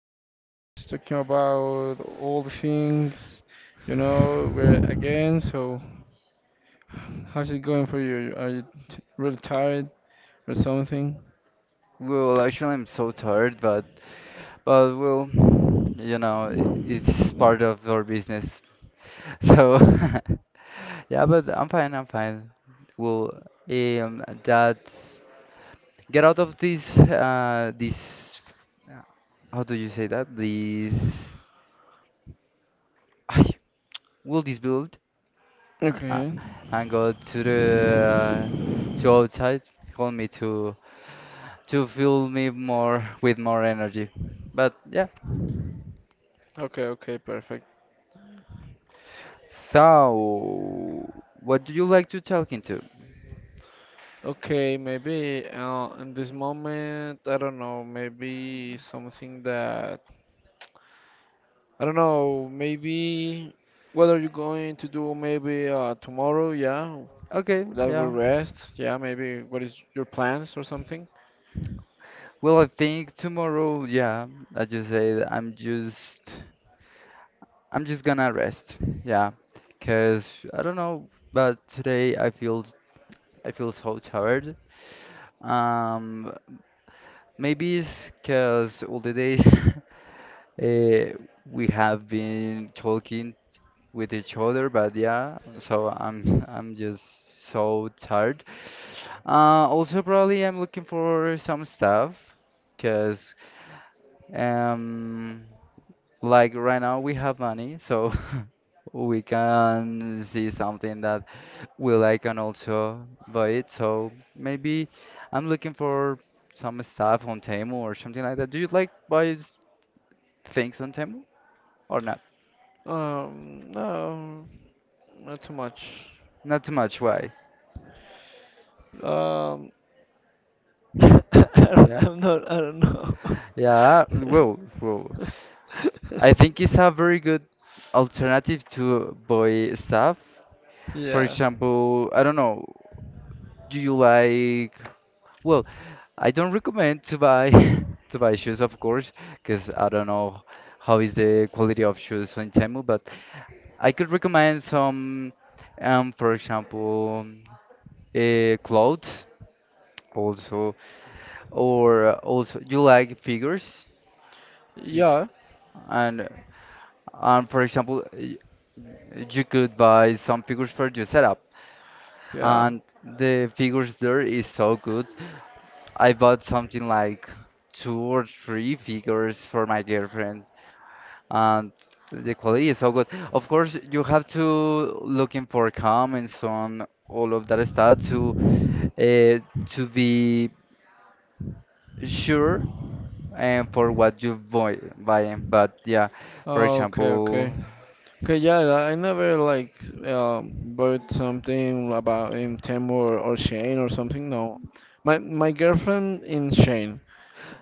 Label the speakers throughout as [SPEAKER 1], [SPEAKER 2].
[SPEAKER 1] podcast, talking about all the things, we're again, so how's it going for you? Are you t really tired or something?
[SPEAKER 2] Well, actually, I'm so tired, but well, it's part of our business. So yeah, but I'm fine. I'm fine. Well, that get out of this uh, how do you say that? This ay, will this build uh,
[SPEAKER 1] Okay.
[SPEAKER 2] and go to outside. Hold me to fill me more with more energy. But yeah.
[SPEAKER 1] Okay, okay, perfect.
[SPEAKER 2] So, what do you like to talk into?
[SPEAKER 1] Okay, maybe in this moment, I don't know, maybe something that, I don't know, maybe what are you going to do maybe tomorrow? Yeah,
[SPEAKER 2] Okay,
[SPEAKER 1] that will
[SPEAKER 2] yeah.
[SPEAKER 1] rest. Yeah, maybe what is your plans or something?
[SPEAKER 2] Well, I think tomorrow, yeah, I just said I'm just gonna rest. Yeah, 'cause I don't know, but today I feel so tired. Um, Maybe it's 'cause all the days uh, we have been talking with each other. But yeah, so I'm I'm just so tired. Also, probably I'm looking for some stuff, cause um, like right now we have money, so we can see something that we like and also buy it. So maybe I'm looking for some stuff on Temu or something like that. Do you like buy things on Temu or not?
[SPEAKER 1] No, not too much.
[SPEAKER 2] Not too much, why?
[SPEAKER 1] Um, I,
[SPEAKER 2] Yeah.
[SPEAKER 1] am not. I don't know.
[SPEAKER 2] Yeah. Well. I think it's a very good alternative to buy stuff. For
[SPEAKER 1] Yeah.
[SPEAKER 2] example, I don't know, do you like, well, I don't recommend to buy to buy shoes, of course, because I don't know how is the quality of shoes on Temu, but I could recommend some, for example, clothes also, or also you like figures, you,
[SPEAKER 1] Yeah.
[SPEAKER 2] and and for example, you could buy some figures for your setup,
[SPEAKER 1] Yeah.
[SPEAKER 2] and the figures there is so good. I bought something like 2 or 3 figures for my girlfriend, and the quality is so good. Of course, you have to looking for comments on all of that stuff uh, to be sure and for what you buying. But yeah, for
[SPEAKER 1] Oh, okay, okay.
[SPEAKER 2] example,
[SPEAKER 1] Okay, yeah, I never like bought something about in Temu or Shane or something. No, my girlfriend in Shane,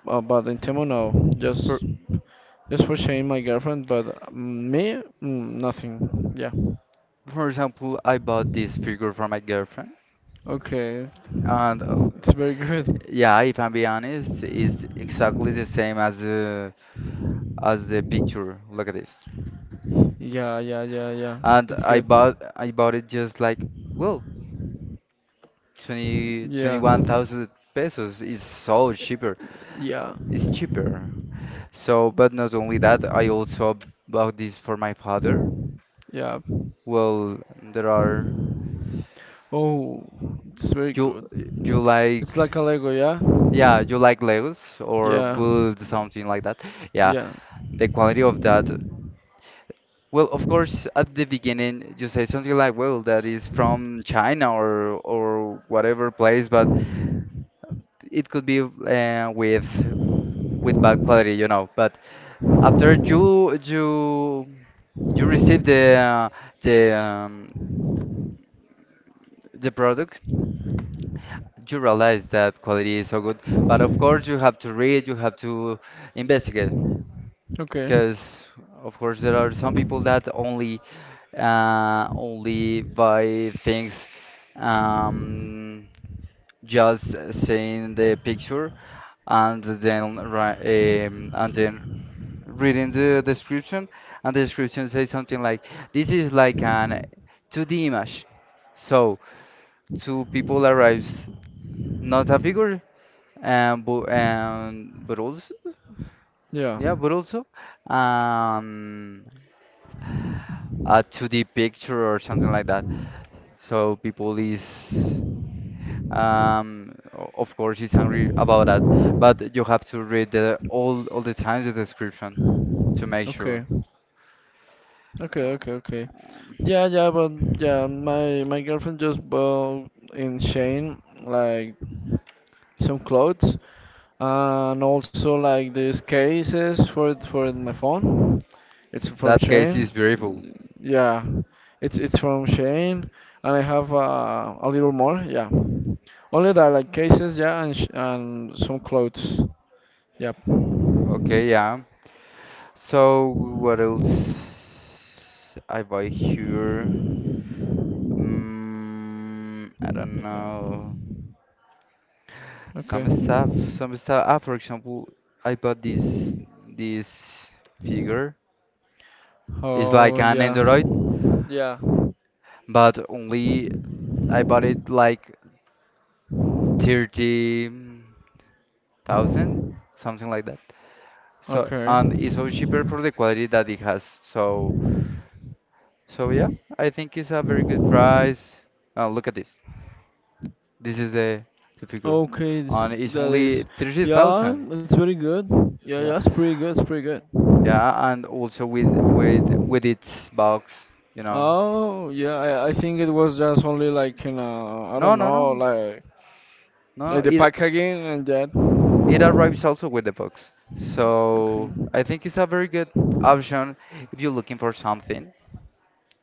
[SPEAKER 1] but in Temu no.
[SPEAKER 2] for
[SPEAKER 1] Just for sharing my girlfriend, but me, mm, nothing. Yeah.
[SPEAKER 2] For example, I bought this figure from my girlfriend,
[SPEAKER 1] Okay,
[SPEAKER 2] and
[SPEAKER 1] it's very good.
[SPEAKER 2] yeah, if I'm being honest, it's exactly the same as the picture. Look at this.
[SPEAKER 1] Yeah, yeah, yeah, yeah.
[SPEAKER 2] And
[SPEAKER 1] It's
[SPEAKER 2] I
[SPEAKER 1] good.
[SPEAKER 2] bought I bought it just like, well, twenty twenty
[SPEAKER 1] Yeah,
[SPEAKER 2] one thousand pesos. Is so cheaper.
[SPEAKER 1] yeah,
[SPEAKER 2] It's cheaper. So, but not only that, I also bought this for my father.
[SPEAKER 1] yeah.
[SPEAKER 2] Well, there are,
[SPEAKER 1] Oh, it's very
[SPEAKER 2] you
[SPEAKER 1] good.
[SPEAKER 2] you like.
[SPEAKER 1] It's like a Lego, yeah?
[SPEAKER 2] Yeah, you like Legos or
[SPEAKER 1] Yeah,
[SPEAKER 2] build something like that. Yeah,
[SPEAKER 1] yeah.
[SPEAKER 2] the quality of that. Well, of course, at the beginning you say something like, "Well, that is from China or whatever place," but it could be with bad quality. But after you receive the um, the product, you realize that quality is so good. But of course, you have to read, you have to investigate,
[SPEAKER 1] Okay.
[SPEAKER 2] because of course there are some people that only by things, um, just seeing the picture, and then and then reading the description, and the description says something like, this is like an 2D image, so two people arrives, not a figure, and but also,
[SPEAKER 1] Yeah.
[SPEAKER 2] yeah, but also, um, a 2D picture or something like that, so people is. Of course, he's angry about that, but you have to read the, all the times the description to make
[SPEAKER 1] Okay,
[SPEAKER 2] sure.
[SPEAKER 1] okay, okay, okay. Yeah, yeah, but yeah, my girlfriend just bought in Shane like some clothes and also like these cases for my phone. It's from
[SPEAKER 2] That case
[SPEAKER 1] Shane.
[SPEAKER 2] is beautiful.
[SPEAKER 1] Yeah, it's from Shane, and I have a little more. Yeah, only that like cases. Yeah, and some clothes. Yep.
[SPEAKER 2] Okay, yeah. So, what else I buy here? I don't
[SPEAKER 1] Yeah.
[SPEAKER 2] know.
[SPEAKER 1] Okay.
[SPEAKER 2] Some stuff, some stuff. Ah, for example, I bought this figure. It's like
[SPEAKER 1] Oh
[SPEAKER 2] an
[SPEAKER 1] yeah.
[SPEAKER 2] Android,
[SPEAKER 1] Yeah.
[SPEAKER 2] but only I bought it like 30 thousand, something like that. So,
[SPEAKER 1] Okay.
[SPEAKER 2] and it's so cheaper for the quality that it has. so yeah, I think it's a very good price. Look at this. This is the figure,
[SPEAKER 1] Okay,
[SPEAKER 2] and
[SPEAKER 1] this,
[SPEAKER 2] it's
[SPEAKER 1] that
[SPEAKER 2] only
[SPEAKER 1] is.
[SPEAKER 2] thirty
[SPEAKER 1] Yeah,
[SPEAKER 2] thousand.
[SPEAKER 1] it's very good. Yeah, yeah,
[SPEAKER 2] Yeah,
[SPEAKER 1] it's pretty good. It's pretty good.
[SPEAKER 2] yeah, and also with its box, you know.
[SPEAKER 1] Oh, yeah, I think it was just only like, you know, I
[SPEAKER 2] No,
[SPEAKER 1] don't
[SPEAKER 2] no,
[SPEAKER 1] know,
[SPEAKER 2] no, no.
[SPEAKER 1] like
[SPEAKER 2] no,
[SPEAKER 1] the
[SPEAKER 2] It
[SPEAKER 1] packaging and that.
[SPEAKER 2] it arrives also with the box.
[SPEAKER 1] Okay.
[SPEAKER 2] So I think it's a very good option if you're looking for something,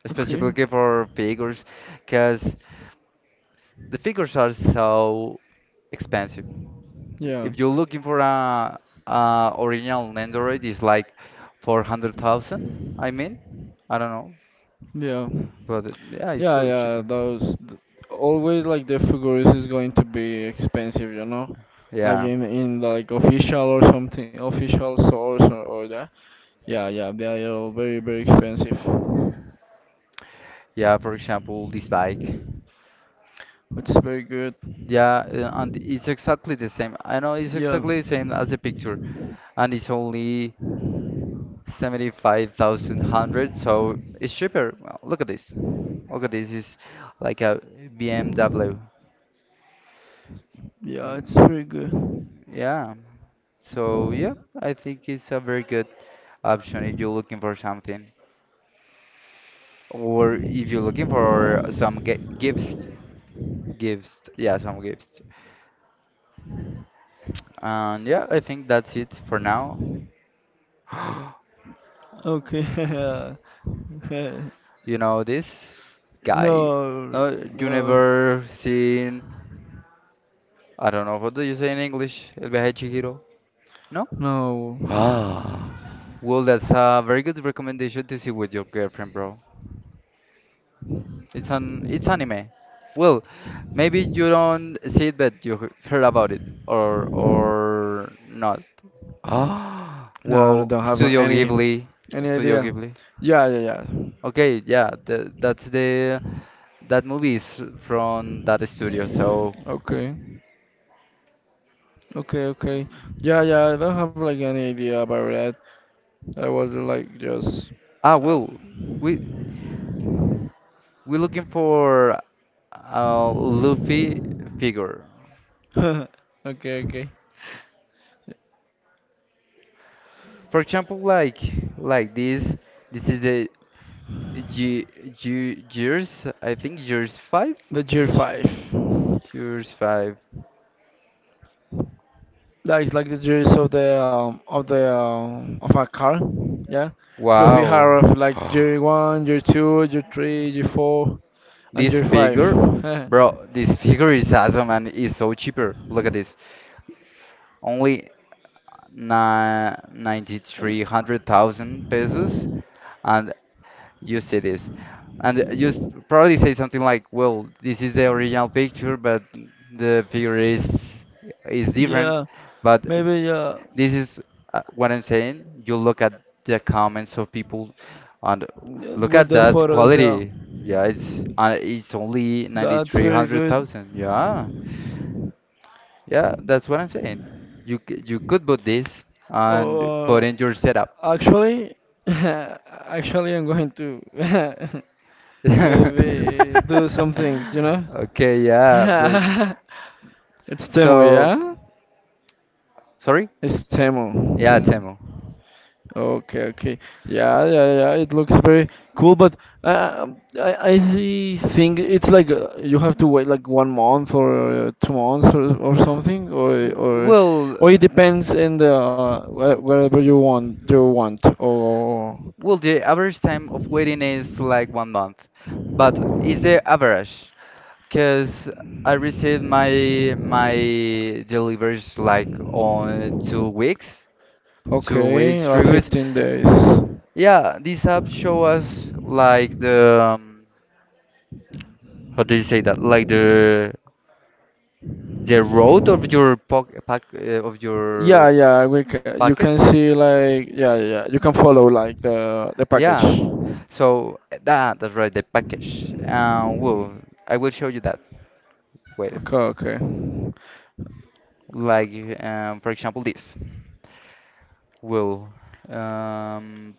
[SPEAKER 2] especially
[SPEAKER 1] Okay.
[SPEAKER 2] for figures, because the figures are so expensive.
[SPEAKER 1] Yeah.
[SPEAKER 2] If you're looking for a original Android, it's like 400,000, I mean. I don't know,
[SPEAKER 1] Yeah.
[SPEAKER 2] but yeah, it's
[SPEAKER 1] Yeah,
[SPEAKER 2] so
[SPEAKER 1] yeah,
[SPEAKER 2] cheaper.
[SPEAKER 1] always like the figurines is going to be expensive, you know, like
[SPEAKER 2] Yeah.
[SPEAKER 1] in like official or something, official source or that. Yeah, yeah, they are all very very expensive,
[SPEAKER 2] Yeah, for example, this bike.
[SPEAKER 1] which is very good.
[SPEAKER 2] Yeah, and it's exactly the same. I know it's
[SPEAKER 1] Yeah,
[SPEAKER 2] exactly the same as the picture, and it's only 75,000 hundred, so it's cheaper. Well, look at this. Look at this. It's like a BMW.
[SPEAKER 1] yeah, it's
[SPEAKER 2] Mm,
[SPEAKER 1] very good.
[SPEAKER 2] yeah. So yeah, I think it's a very good option if you're looking for something, or if you're looking for some gifts, yeah, some gifts. And yeah, I think that's it for now.
[SPEAKER 1] Okay,
[SPEAKER 2] This guy,
[SPEAKER 1] no,
[SPEAKER 2] no, you
[SPEAKER 1] no,
[SPEAKER 2] never seen, I don't know, what do you say in English? El viaje de Chihiro? No?
[SPEAKER 1] no,
[SPEAKER 2] Well, that's a very good recommendation to see with your girlfriend, bro. It's it's anime. Well, maybe you don't see it, but you heard about it, or not. Ah,
[SPEAKER 1] no, I
[SPEAKER 2] whoa,
[SPEAKER 1] don't have
[SPEAKER 2] Studio Ghibli.
[SPEAKER 1] any
[SPEAKER 2] Studio
[SPEAKER 1] idea.
[SPEAKER 2] Ghibli.
[SPEAKER 1] Yeah, yeah, yeah.
[SPEAKER 2] Okay, yeah, the, that's the that movie is from that studio. So,
[SPEAKER 1] Okay, okay, okay. Yeah, yeah, I don't have like any idea about that. I was like just. Um,
[SPEAKER 2] well, we we're looking for a Luffy figure.
[SPEAKER 1] okay, okay.
[SPEAKER 2] For example, like this. This is the G G Gears. I think Gears five.
[SPEAKER 1] The year
[SPEAKER 2] Ge-
[SPEAKER 1] five.
[SPEAKER 2] Gears five.
[SPEAKER 1] That is like the gears of the of a car. Yeah, Luffy
[SPEAKER 2] Wow.
[SPEAKER 1] have like year one, year two, year three, year four, and
[SPEAKER 2] This
[SPEAKER 1] year five.
[SPEAKER 2] figure, bro, this figure is awesome and is so cheaper. Look at this. Only ni 9,300,000 pesos. And you see this, and you probably say something like, well, this is the original picture, but the figure is different.
[SPEAKER 1] Yeah,
[SPEAKER 2] But
[SPEAKER 1] maybe yeah,
[SPEAKER 2] this is, what I'm saying, you look at the comments of people, and
[SPEAKER 1] yeah,
[SPEAKER 2] look
[SPEAKER 1] with
[SPEAKER 2] at
[SPEAKER 1] the
[SPEAKER 2] that
[SPEAKER 1] photos. Yeah.
[SPEAKER 2] quality. Yeah, it's only ninety
[SPEAKER 1] That's
[SPEAKER 2] three
[SPEAKER 1] very
[SPEAKER 2] hundred
[SPEAKER 1] good.
[SPEAKER 2] thousand. Yeah, yeah, that's what I'm saying. You could put this and
[SPEAKER 1] Oh,
[SPEAKER 2] put in your setup.
[SPEAKER 1] actually, actually, I'm going to maybe do some things, you know?
[SPEAKER 2] Okay, yeah, but.
[SPEAKER 1] It's Temu,
[SPEAKER 2] So,
[SPEAKER 1] yeah?
[SPEAKER 2] sorry?
[SPEAKER 1] It's
[SPEAKER 2] Yeah,
[SPEAKER 1] Temu.
[SPEAKER 2] Temu.
[SPEAKER 1] Okay, okay. Yeah, yeah, yeah. Yeah. It looks very cool, but uh, I think it's like you have to wait like 1 month or 2 months or something,
[SPEAKER 2] W- Well,
[SPEAKER 1] or it depends in the wherever you want. Or
[SPEAKER 2] Well, the average time of waiting is like one month, but is the average? Because I received my deliveries like on 2 weeks, 2 weeks,
[SPEAKER 1] okay, like
[SPEAKER 2] 3 weeks.
[SPEAKER 1] 15 days.
[SPEAKER 2] Yeah, these apps show us like the, how do you say that? Like the road of your
[SPEAKER 1] Yeah, yeah. We can, you
[SPEAKER 2] packet.
[SPEAKER 1] can see like yeah, yeah, yeah. You can follow like the package.
[SPEAKER 2] Yeah. So, that's right, the package. Well, I will show you that. Wait,
[SPEAKER 1] Okay, okay.
[SPEAKER 2] like, for example, this will. Um,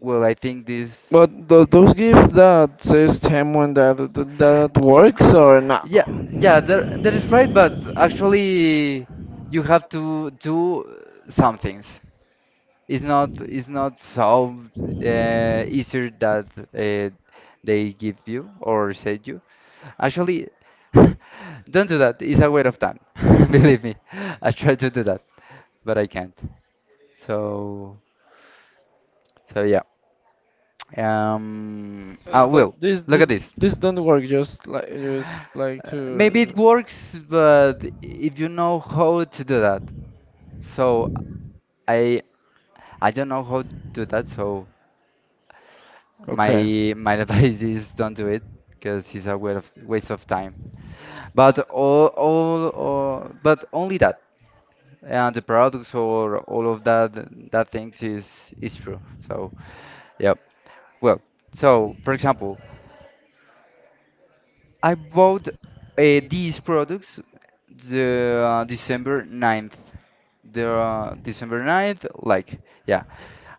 [SPEAKER 2] well, I think this.
[SPEAKER 1] But those gifts that says Temuan that, that that works or no?
[SPEAKER 2] Yeah, yeah, that that is right, but actually you have to do some things. It's not solved easier that uh, they give you or said you. Actually, don't do that. It's a waste of time. Believe me, I try to do that, but I can't. So so yeah.
[SPEAKER 1] So
[SPEAKER 2] Ah, well. Look at this.
[SPEAKER 1] this don't work. Just like
[SPEAKER 2] Maybe
[SPEAKER 1] to.
[SPEAKER 2] it works, but if you know how to do that, so I I don't know how to do that, so.
[SPEAKER 1] Okay.
[SPEAKER 2] My advice is don't do it because it's a waste of time. But all but only that, and the products or all of that things is true. So yeah. Well, so for example, I bought these products the December 9th. The December 9th, like, yeah.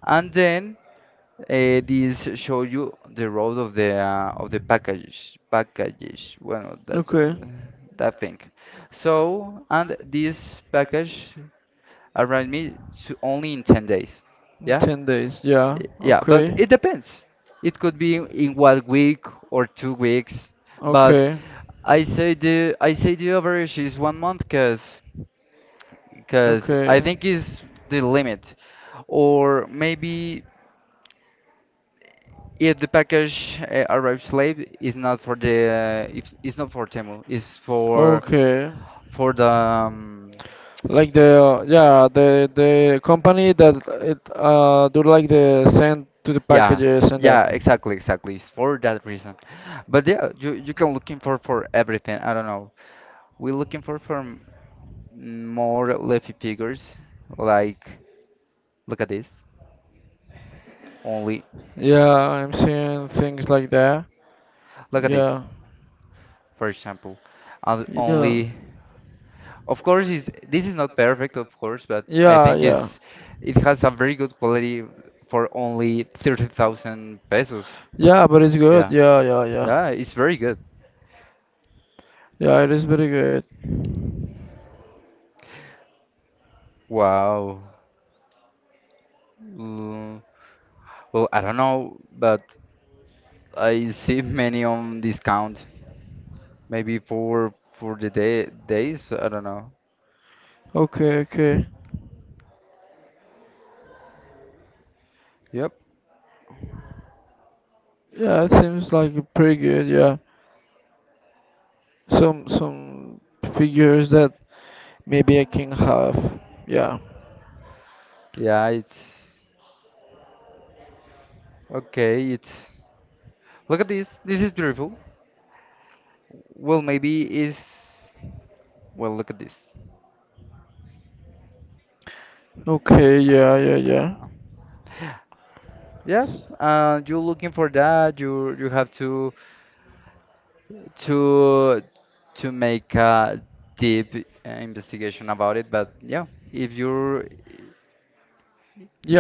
[SPEAKER 2] And then, these show you the road of the package, well, that
[SPEAKER 1] Okay.
[SPEAKER 2] that thing. So, and this package arrived me to only in 10 days,
[SPEAKER 1] In
[SPEAKER 2] yeah.
[SPEAKER 1] 10 days. Yeah.
[SPEAKER 2] Yeah, but it
[SPEAKER 1] Okay.
[SPEAKER 2] depends, it could be in one week or 2 weeks, but
[SPEAKER 1] Okay.
[SPEAKER 2] I say the average is one month, because I
[SPEAKER 1] Okay.
[SPEAKER 2] think is the limit. Or maybe, if the package arrives late, it's not for the, if it's
[SPEAKER 1] uh,
[SPEAKER 2] not for Temu, it's for
[SPEAKER 1] Okay.
[SPEAKER 2] for the,
[SPEAKER 1] Like the yeah, the company that it do like the send to the yeah
[SPEAKER 2] yeah,
[SPEAKER 1] packages and that.
[SPEAKER 2] yeah, exactly, exactly, it's for that reason. But yeah, you can looking for everything. I don't know. We're looking for more leafy figures. Like, look at this, only.
[SPEAKER 1] Yeah, I'm seeing things like that.
[SPEAKER 2] Look at this,
[SPEAKER 1] Yeah.
[SPEAKER 2] for example. And
[SPEAKER 1] Yeah.
[SPEAKER 2] only. Of course,
[SPEAKER 1] Quality.
[SPEAKER 2] is this is not perfect, of course, but I
[SPEAKER 1] Yeah, it's
[SPEAKER 2] think
[SPEAKER 1] yeah, it's
[SPEAKER 2] is it has a very good quality for only 30,000 pesos. Yeah.
[SPEAKER 1] yeah, but it's good.
[SPEAKER 2] Yeah.
[SPEAKER 1] Yeah, yeah, yeah.
[SPEAKER 2] Yeah, it's very good.
[SPEAKER 1] Yeah it's, yeah, it is very good.
[SPEAKER 2] Wow. Mm, Well, I don't know, but I see many on discount. Maybe for the day days, I don't know.
[SPEAKER 1] Okay, okay.
[SPEAKER 2] Yep.
[SPEAKER 1] Yeah, it seems like pretty good. Yeah, some figures that maybe I can have. Yeah.
[SPEAKER 2] Yeah, it's okay. It's Look at this. This is beautiful. Well, look at this.
[SPEAKER 1] Okay. Yeah. Yeah. Yeah.
[SPEAKER 2] Yeah. Yeah,
[SPEAKER 1] S-
[SPEAKER 2] you're looking for that. You have to to make a deep investigation about it. But yeah, if you're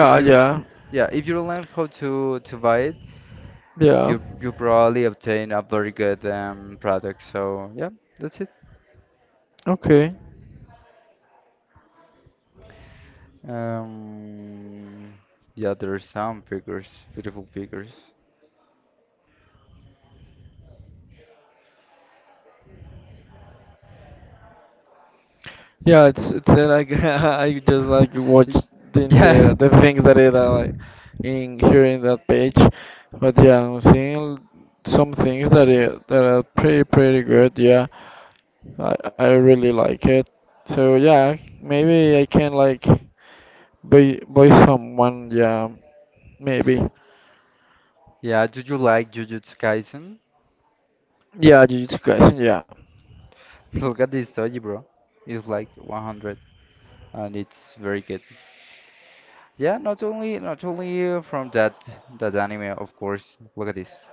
[SPEAKER 2] if you
[SPEAKER 1] Yeah.
[SPEAKER 2] yeah if you learn how to buy it,
[SPEAKER 1] Yeah.
[SPEAKER 2] you probably obtain a very good product. So yeah, that's it.
[SPEAKER 1] Okay.
[SPEAKER 2] Um, yeah, there are some figures, beautiful figures.
[SPEAKER 1] Yeah. It's like I just like watch
[SPEAKER 2] Y-
[SPEAKER 1] in
[SPEAKER 2] Yeah,
[SPEAKER 1] the things that it like in here in that page, but yeah, I'm seeing some things that it, that are pretty pretty good. Yeah. I really like it. So yeah, maybe I can like buy buy someone. Yeah, maybe.
[SPEAKER 2] yeah. Do you like Jujutsu Kaisen?
[SPEAKER 1] Yeah, Jujutsu Kaisen. Yeah.
[SPEAKER 2] Look at this toy, bro. It's like 100, and it's very good. Yeah, not only from that anime, of course. Look at this.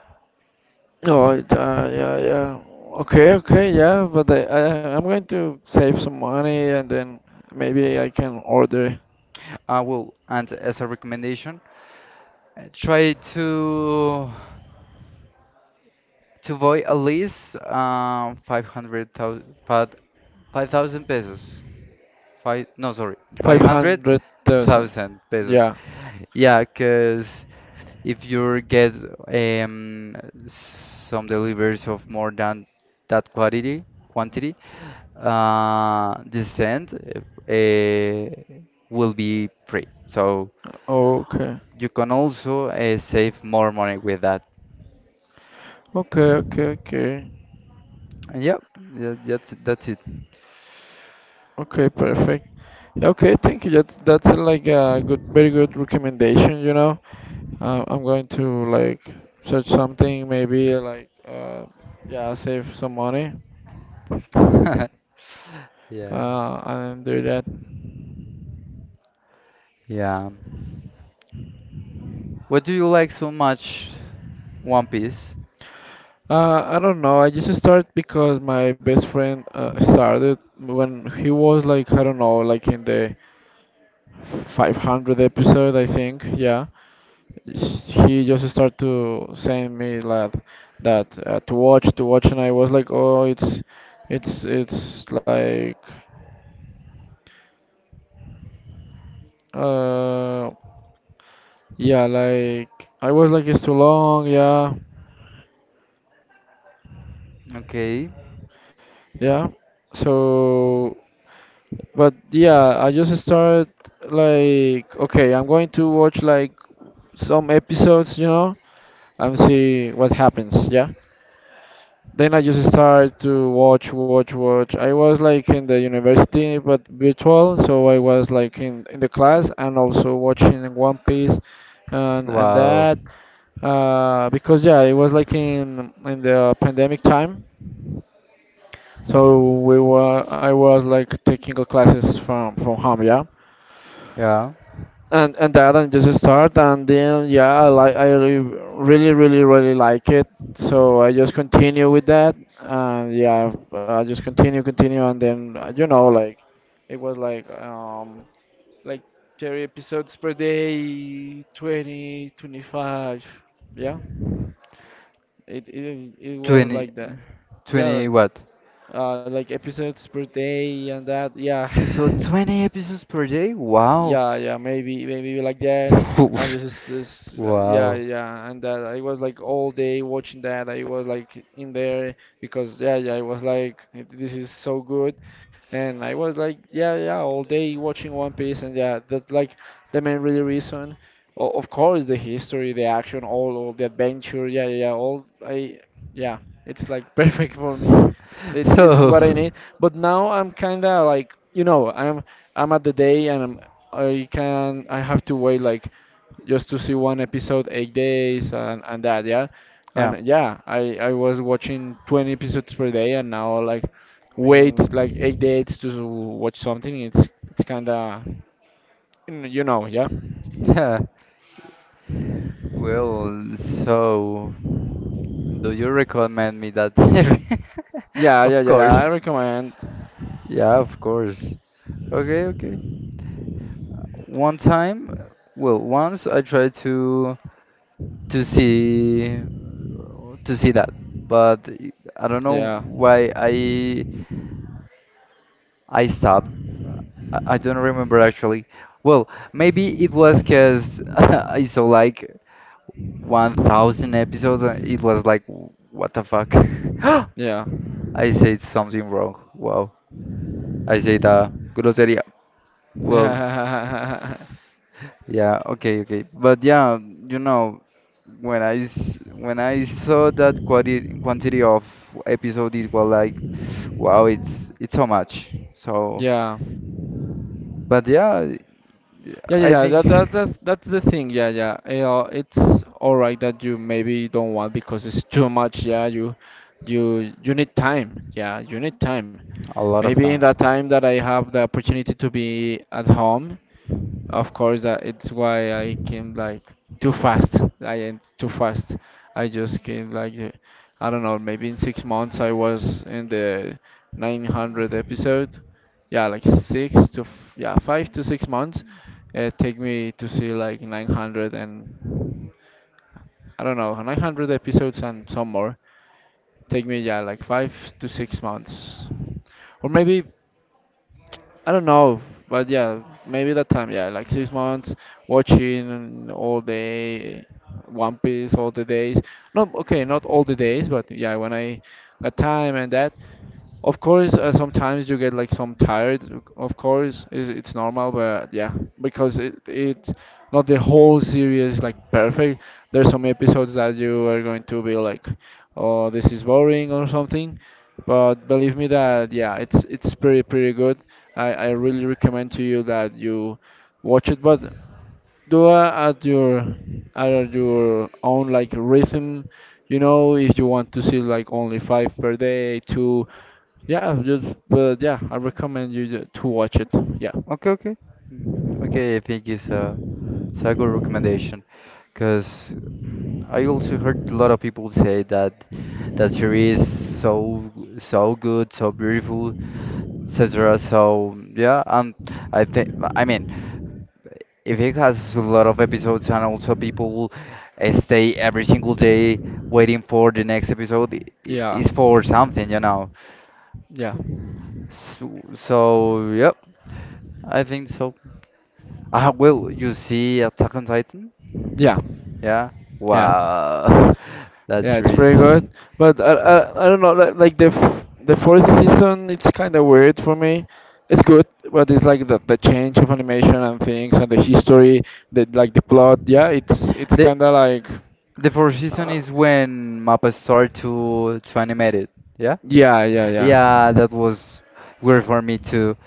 [SPEAKER 1] Oh, it, yeah, yeah. Okay, okay, yeah. But I'm going to save some money and then maybe I can order
[SPEAKER 2] I will, and as a recommendation, try to buy at least, 500,000, 5,000 pesos. Five, no, sorry,
[SPEAKER 1] 500,000.
[SPEAKER 2] 500,000 pesos.
[SPEAKER 1] Yeah.
[SPEAKER 2] Yeah, cuz if you get um, some deliveries of more than that quantity, the send will be free. So
[SPEAKER 1] Okay.
[SPEAKER 2] you can also save more money with that.
[SPEAKER 1] Okay. Okay. Okay.
[SPEAKER 2] And yeah, that's it.
[SPEAKER 1] Okay. Perfect. Yeah, okay. Thank you. That that's like a good, very good recommendation. You know. I'm going to like search something, maybe like yeah, save some money
[SPEAKER 2] Yeah.
[SPEAKER 1] and do that.
[SPEAKER 2] Yeah. What do you like so much? One Piece.
[SPEAKER 1] I don't know. I just started because my best friend started when he was like I don't know, like in the 500 episode, I think. Yeah, he just started to send me like that to watch, and I was like, oh, it's like. Uh, Yeah, like I was like it's too long. Yeah,
[SPEAKER 2] Okay.
[SPEAKER 1] yeah. So, but yeah, I just started like okay, I'm going to watch like some episodes, you know, and see what happens. Yeah. Then I just started to watch, watch, watch. I was like in the university, but virtual, so I was like in the class and also watching One Piece and
[SPEAKER 2] Wow.
[SPEAKER 1] that. Because yeah, it was like in the pandemic time, so we were I was like taking the classes from home, yeah,
[SPEAKER 2] Yeah.
[SPEAKER 1] and that and just start and then yeah, I like really really really like it, so I just continue with that and yeah, I just continue continue and then you know like it was like 30 episodes per day, 20, 25, yeah, it was
[SPEAKER 2] 20,
[SPEAKER 1] like that. Yeah,
[SPEAKER 2] 20 what?
[SPEAKER 1] like episodes per day and that. Yeah,
[SPEAKER 2] You saw 20 episodes per day? Wow.
[SPEAKER 1] yeah yeah maybe maybe like that and just yeah
[SPEAKER 2] Wow.
[SPEAKER 1] yeah and that I was like all day watching that I was like in there because yeah yeah I was like this is so good and I was like yeah yeah all day watching One Piece and yeah that's like the main really reason of course the history the action all the adventure yeah yeah yeah, all I yeah it's like perfect for me it's what I need
[SPEAKER 2] So,
[SPEAKER 1] but now I'm kind of like you know I'm at the day and I'm I can I have to wait like just to see one episode 8 days and that yeah
[SPEAKER 2] yeah.
[SPEAKER 1] and yeah I was watching 20 episodes per day and now like wait like 8 days to watch something it's kind of you know yeah
[SPEAKER 2] Yeah. Well, so do you recommend me that series?
[SPEAKER 1] yeah
[SPEAKER 2] Of
[SPEAKER 1] yeah yeah I
[SPEAKER 2] course.
[SPEAKER 1] recommend
[SPEAKER 2] Yeah, of course. Okay, okay. One time, uh, Once I tried to to see to see that, but I don't know
[SPEAKER 1] yeah
[SPEAKER 2] why I stopped. Uh, I don't remember actually. Well, maybe it was because I saw like 1,000 episodes and it was like, what the fuck?
[SPEAKER 1] yeah
[SPEAKER 2] I said something wrong. Wow. I said grosseria. Well, yeah, okay, okay. But yeah, you know, when I saw that quantity of episode, it was like, wow, it's so much. So,
[SPEAKER 1] yeah
[SPEAKER 2] but yeah,
[SPEAKER 1] yeah, yeah,
[SPEAKER 2] I
[SPEAKER 1] yeah.
[SPEAKER 2] think.
[SPEAKER 1] That, that that's the thing. Yeah, yeah. Yeah, it's all right that you maybe don't want because it's too much. Yeah, you need time. Yeah, you need time.
[SPEAKER 2] A lot of
[SPEAKER 1] Maybe in
[SPEAKER 2] time.
[SPEAKER 1] that time that I have the opportunity to be at home, of course, that it's why I came like too fast. I went too fast. I just came like I don't know, maybe in 6 months I was in the 900 episode. Yeah, like six to f yeah 5 to 6 months. It take me to see like 900 and I don't know 900 episodes and some more. Take me yeah like 5 to 6 months, or maybe I don't know, but yeah, maybe that time, yeah, like 6 months watching all day One Piece all the days. Not okay, not all the days, but yeah, when I got time and that. Of course, sometimes you get like some tired. Of course, it's normal, but yeah, because it's not the whole series like perfect. There's some episodes that you are going to be like, oh, this is boring or something. But believe me that yeah, it's pretty pretty good. I really recommend to you that you watch it, but do it at your own like rhythm. You know, if you want to see like only five per day, two, yeah, just but yeah, I recommend you to watch it. Yeah,
[SPEAKER 2] Okay, okay. Mm, okay, I think it's a good recommendation because I also heard a lot of people say that she is so good, so beautiful, etc. So yeah, I think I mean if it has a lot of episodes and also people stay every single day waiting for the next episode,
[SPEAKER 1] yeah,
[SPEAKER 2] it's for something, you know.
[SPEAKER 1] yeah,
[SPEAKER 2] So, so yep, I think so. Ah, will you see Attack on Titan?
[SPEAKER 1] yeah,
[SPEAKER 2] Yeah.
[SPEAKER 1] yeah.
[SPEAKER 2] Wow,
[SPEAKER 1] Yeah,
[SPEAKER 2] that's
[SPEAKER 1] it's
[SPEAKER 2] risk.
[SPEAKER 1] pretty good, but I don't know like the fourth season. It's kind of weird for me. It's good, but it's like the change of animation and things and the history, the like the plot. Yeah, it's
[SPEAKER 2] The
[SPEAKER 1] kind of like
[SPEAKER 2] the fourth season
[SPEAKER 1] uh,
[SPEAKER 2] is when Mappa start to animate it. Yeah.
[SPEAKER 1] yeah, yeah,
[SPEAKER 2] Yeah,
[SPEAKER 1] yeah.
[SPEAKER 2] that was weird for me too,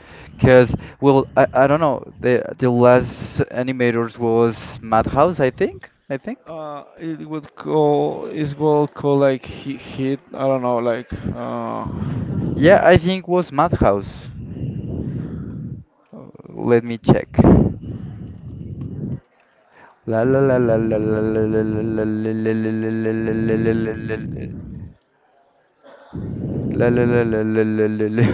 [SPEAKER 2] cause well, I don't know. The last animators was Madhouse, I think.
[SPEAKER 1] It would call is what called like hit, hit. I don't know, like
[SPEAKER 2] Yeah, I think was Madhouse. Let me check. La la la la la la la la la la la la la la.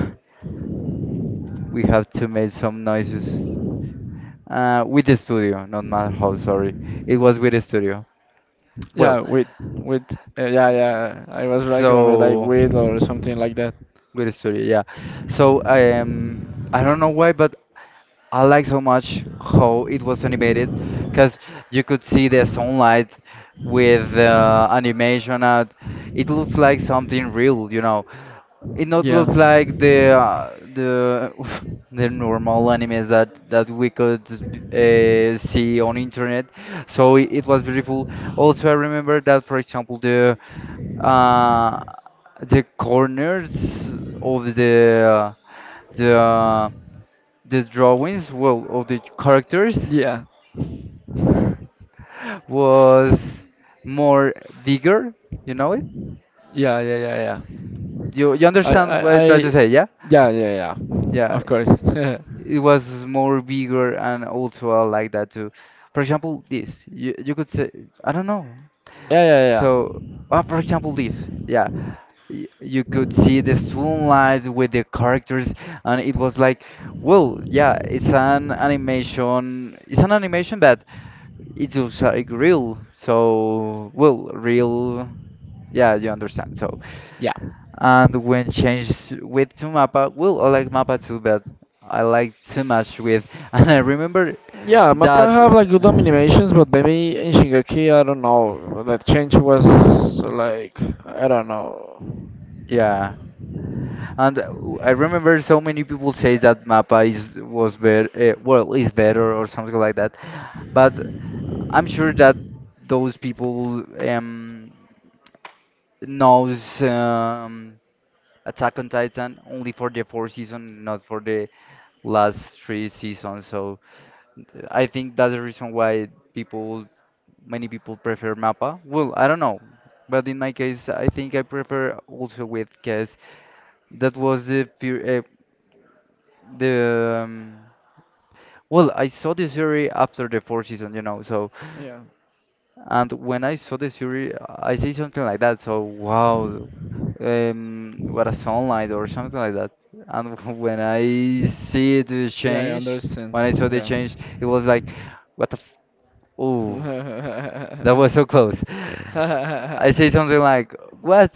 [SPEAKER 2] We have to make some noises. With the studio, not my house. Sorry, it was with the studio. Well,
[SPEAKER 1] yeah, with yeah, yeah. I was like remember like
[SPEAKER 2] so
[SPEAKER 1] with or something like that.
[SPEAKER 2] with the studio, yeah. So I don't know why, but I like so much how it was animated, because you could see the sunlight with animation. At it looks like something real, you know. It not looks like the the normal animes that we could see on internet. So it was beautiful. Also, I remember that, for example, uh, the corners of the uh, the drawings, well, of the characters
[SPEAKER 1] Yeah,
[SPEAKER 2] was more bigger. You know it?
[SPEAKER 1] yeah, yeah, yeah, yeah.
[SPEAKER 2] You understand what I
[SPEAKER 1] I,
[SPEAKER 2] try to say? Yeah,
[SPEAKER 1] yeah, yeah, yeah.
[SPEAKER 2] yeah.
[SPEAKER 1] Of course.
[SPEAKER 2] It was more bigger and also I like that too. For example, this you, you could say I don't know.
[SPEAKER 1] Yeah, yeah, yeah.
[SPEAKER 2] So, for example, this yeah, you could see the sunlight with the characters, and it was like, well, yeah, it's an animation. It's an animation that it looks like real. So, well, real. Yeah, you understand. So,
[SPEAKER 1] Yeah.
[SPEAKER 2] and when changed with to Mappa, well, I like Mappa too, but I like too much with. And I remember
[SPEAKER 1] Yeah, Mappa
[SPEAKER 2] that,
[SPEAKER 1] have like good animations, but maybe in Shingeki, I don't know. The change was like, I don't know.
[SPEAKER 2] yeah. And I remember so many people say that Mappa is was better, well, is better or something like that. But I'm sure that those people knows Attack on Titan only for the fourth season, not for the last three seasons. So I think that's the reason why people many people prefer Mappa. Well, I don't know, but in my case, I think I prefer also with because that was the fear, the well, I saw the series after the fourth season, you know. So,
[SPEAKER 1] Yeah.
[SPEAKER 2] and when I saw the series, I say something like that. So, wow, what a sunlight or something like that. And
[SPEAKER 1] Yeah, I understand.
[SPEAKER 2] when I saw the change, it was like, what the oh.
[SPEAKER 1] Yeah.
[SPEAKER 2] That was so close.
[SPEAKER 1] yeah,
[SPEAKER 2] I say something like, "What?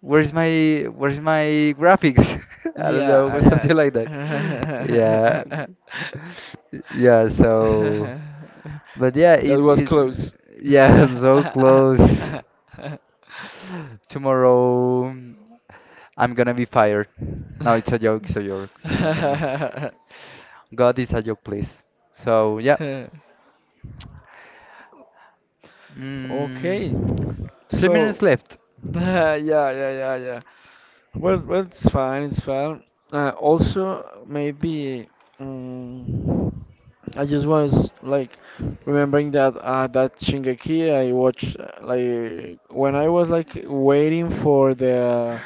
[SPEAKER 2] Where's my graphics?" I don't know, or
[SPEAKER 1] yeah.
[SPEAKER 2] something like that. Yeah, yeah. So, but yeah,
[SPEAKER 1] That
[SPEAKER 2] it
[SPEAKER 1] was
[SPEAKER 2] it
[SPEAKER 1] close.
[SPEAKER 2] yeah, so close. Tomorrow, I'm gonna be fired. No, it's a joke. It's a joke. No, no, no. God is a joke, please. So yeah,
[SPEAKER 1] Okay,
[SPEAKER 2] mm, three minutes
[SPEAKER 1] so
[SPEAKER 2] left.
[SPEAKER 1] yeah, yeah, yeah, yeah. Well, well, it's fine, it's fine. Also, maybe um, I just was like remembering that that Shingeki I watched like when I was like waiting for the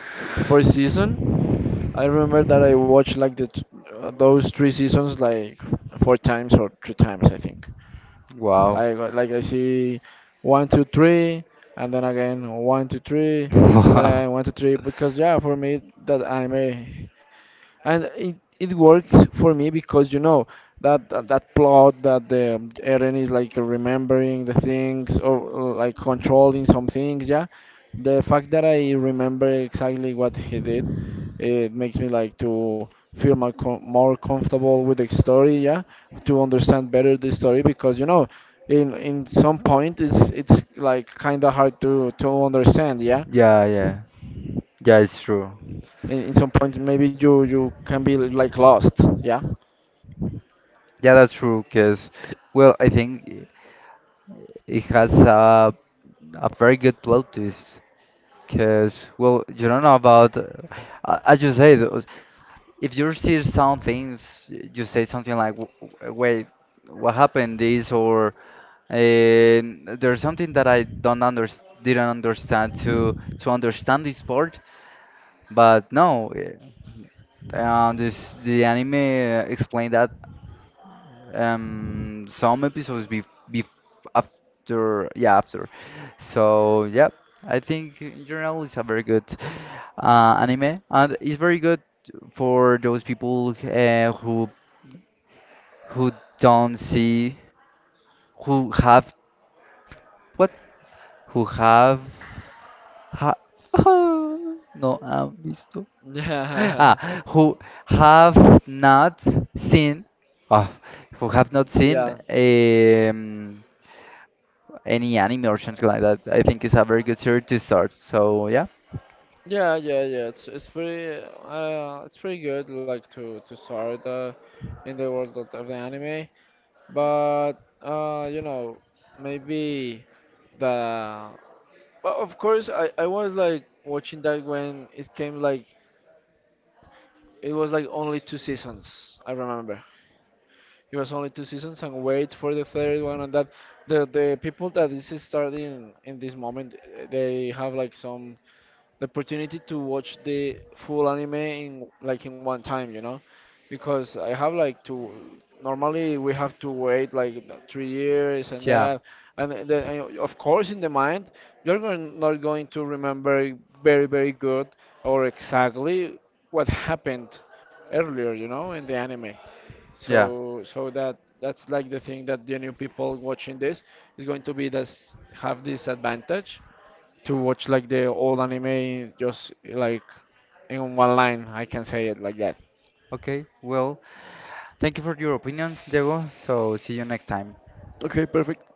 [SPEAKER 1] for season. I remember that I watched like those three seasons like four times or three times I think.
[SPEAKER 2] Wow.
[SPEAKER 1] Like I see 1, 2, 3, and then again 1, 2, 3, and then
[SPEAKER 2] Wow.
[SPEAKER 1] I 1, 2, 3. Because yeah, for me that anime and it works for me because you know that that, that plot that the Eren is like remembering the things or like controlling some things yeah the fact that I remember exactly what he did it makes me like to feel more, more comfortable with the story yeah to understand better the story because you know in some point it's like kind of hard to understand yeah
[SPEAKER 2] Yeah, yeah, yeah. It's true.
[SPEAKER 1] in some point maybe you can be like lost yeah
[SPEAKER 2] Yeah, that's true. Cause, well, I think it has a very good plot twist. Cause, well, you don't know about, as you said. If you see some things, you say something like, "Wait, what happened? This or there's something that I don't under didn't understand to understand this part." But no, this the anime explained that some episodes be after yeah after. So yeah, I think in general it's a very good anime and it's very good for those people who who don't see, who have what? Who have ha, no han visto. Ah, who have not seen, oh, who have not seen
[SPEAKER 1] yeah. Yeah,
[SPEAKER 2] any anime or something like that. I think it's a very good series to start. So yeah.
[SPEAKER 1] yeah, yeah, yeah. It's pretty good like to start in the world of the anime, but you know maybe the but of course I was like watching that when it came like it was like only two seasons I remember it was only two seasons and wait for the third one and that the people that this is starting in this moment eh, they have like some the opportunity to watch the full anime in like in one time, you know, because I have like to normally we have to wait like 3 years and
[SPEAKER 2] Yeah,
[SPEAKER 1] that, and then and of course in the mind you're going, not going to remember very very good or exactly what happened earlier, you know, in the anime.
[SPEAKER 2] yeah.
[SPEAKER 1] So so that that's like the thing that the new people watching this is going to be this have this advantage to watch like the old anime just like in one line. I can say it like that.
[SPEAKER 2] Okay, well, thank you for your opinions, Diego. So, see you next time.
[SPEAKER 1] Okay, perfect.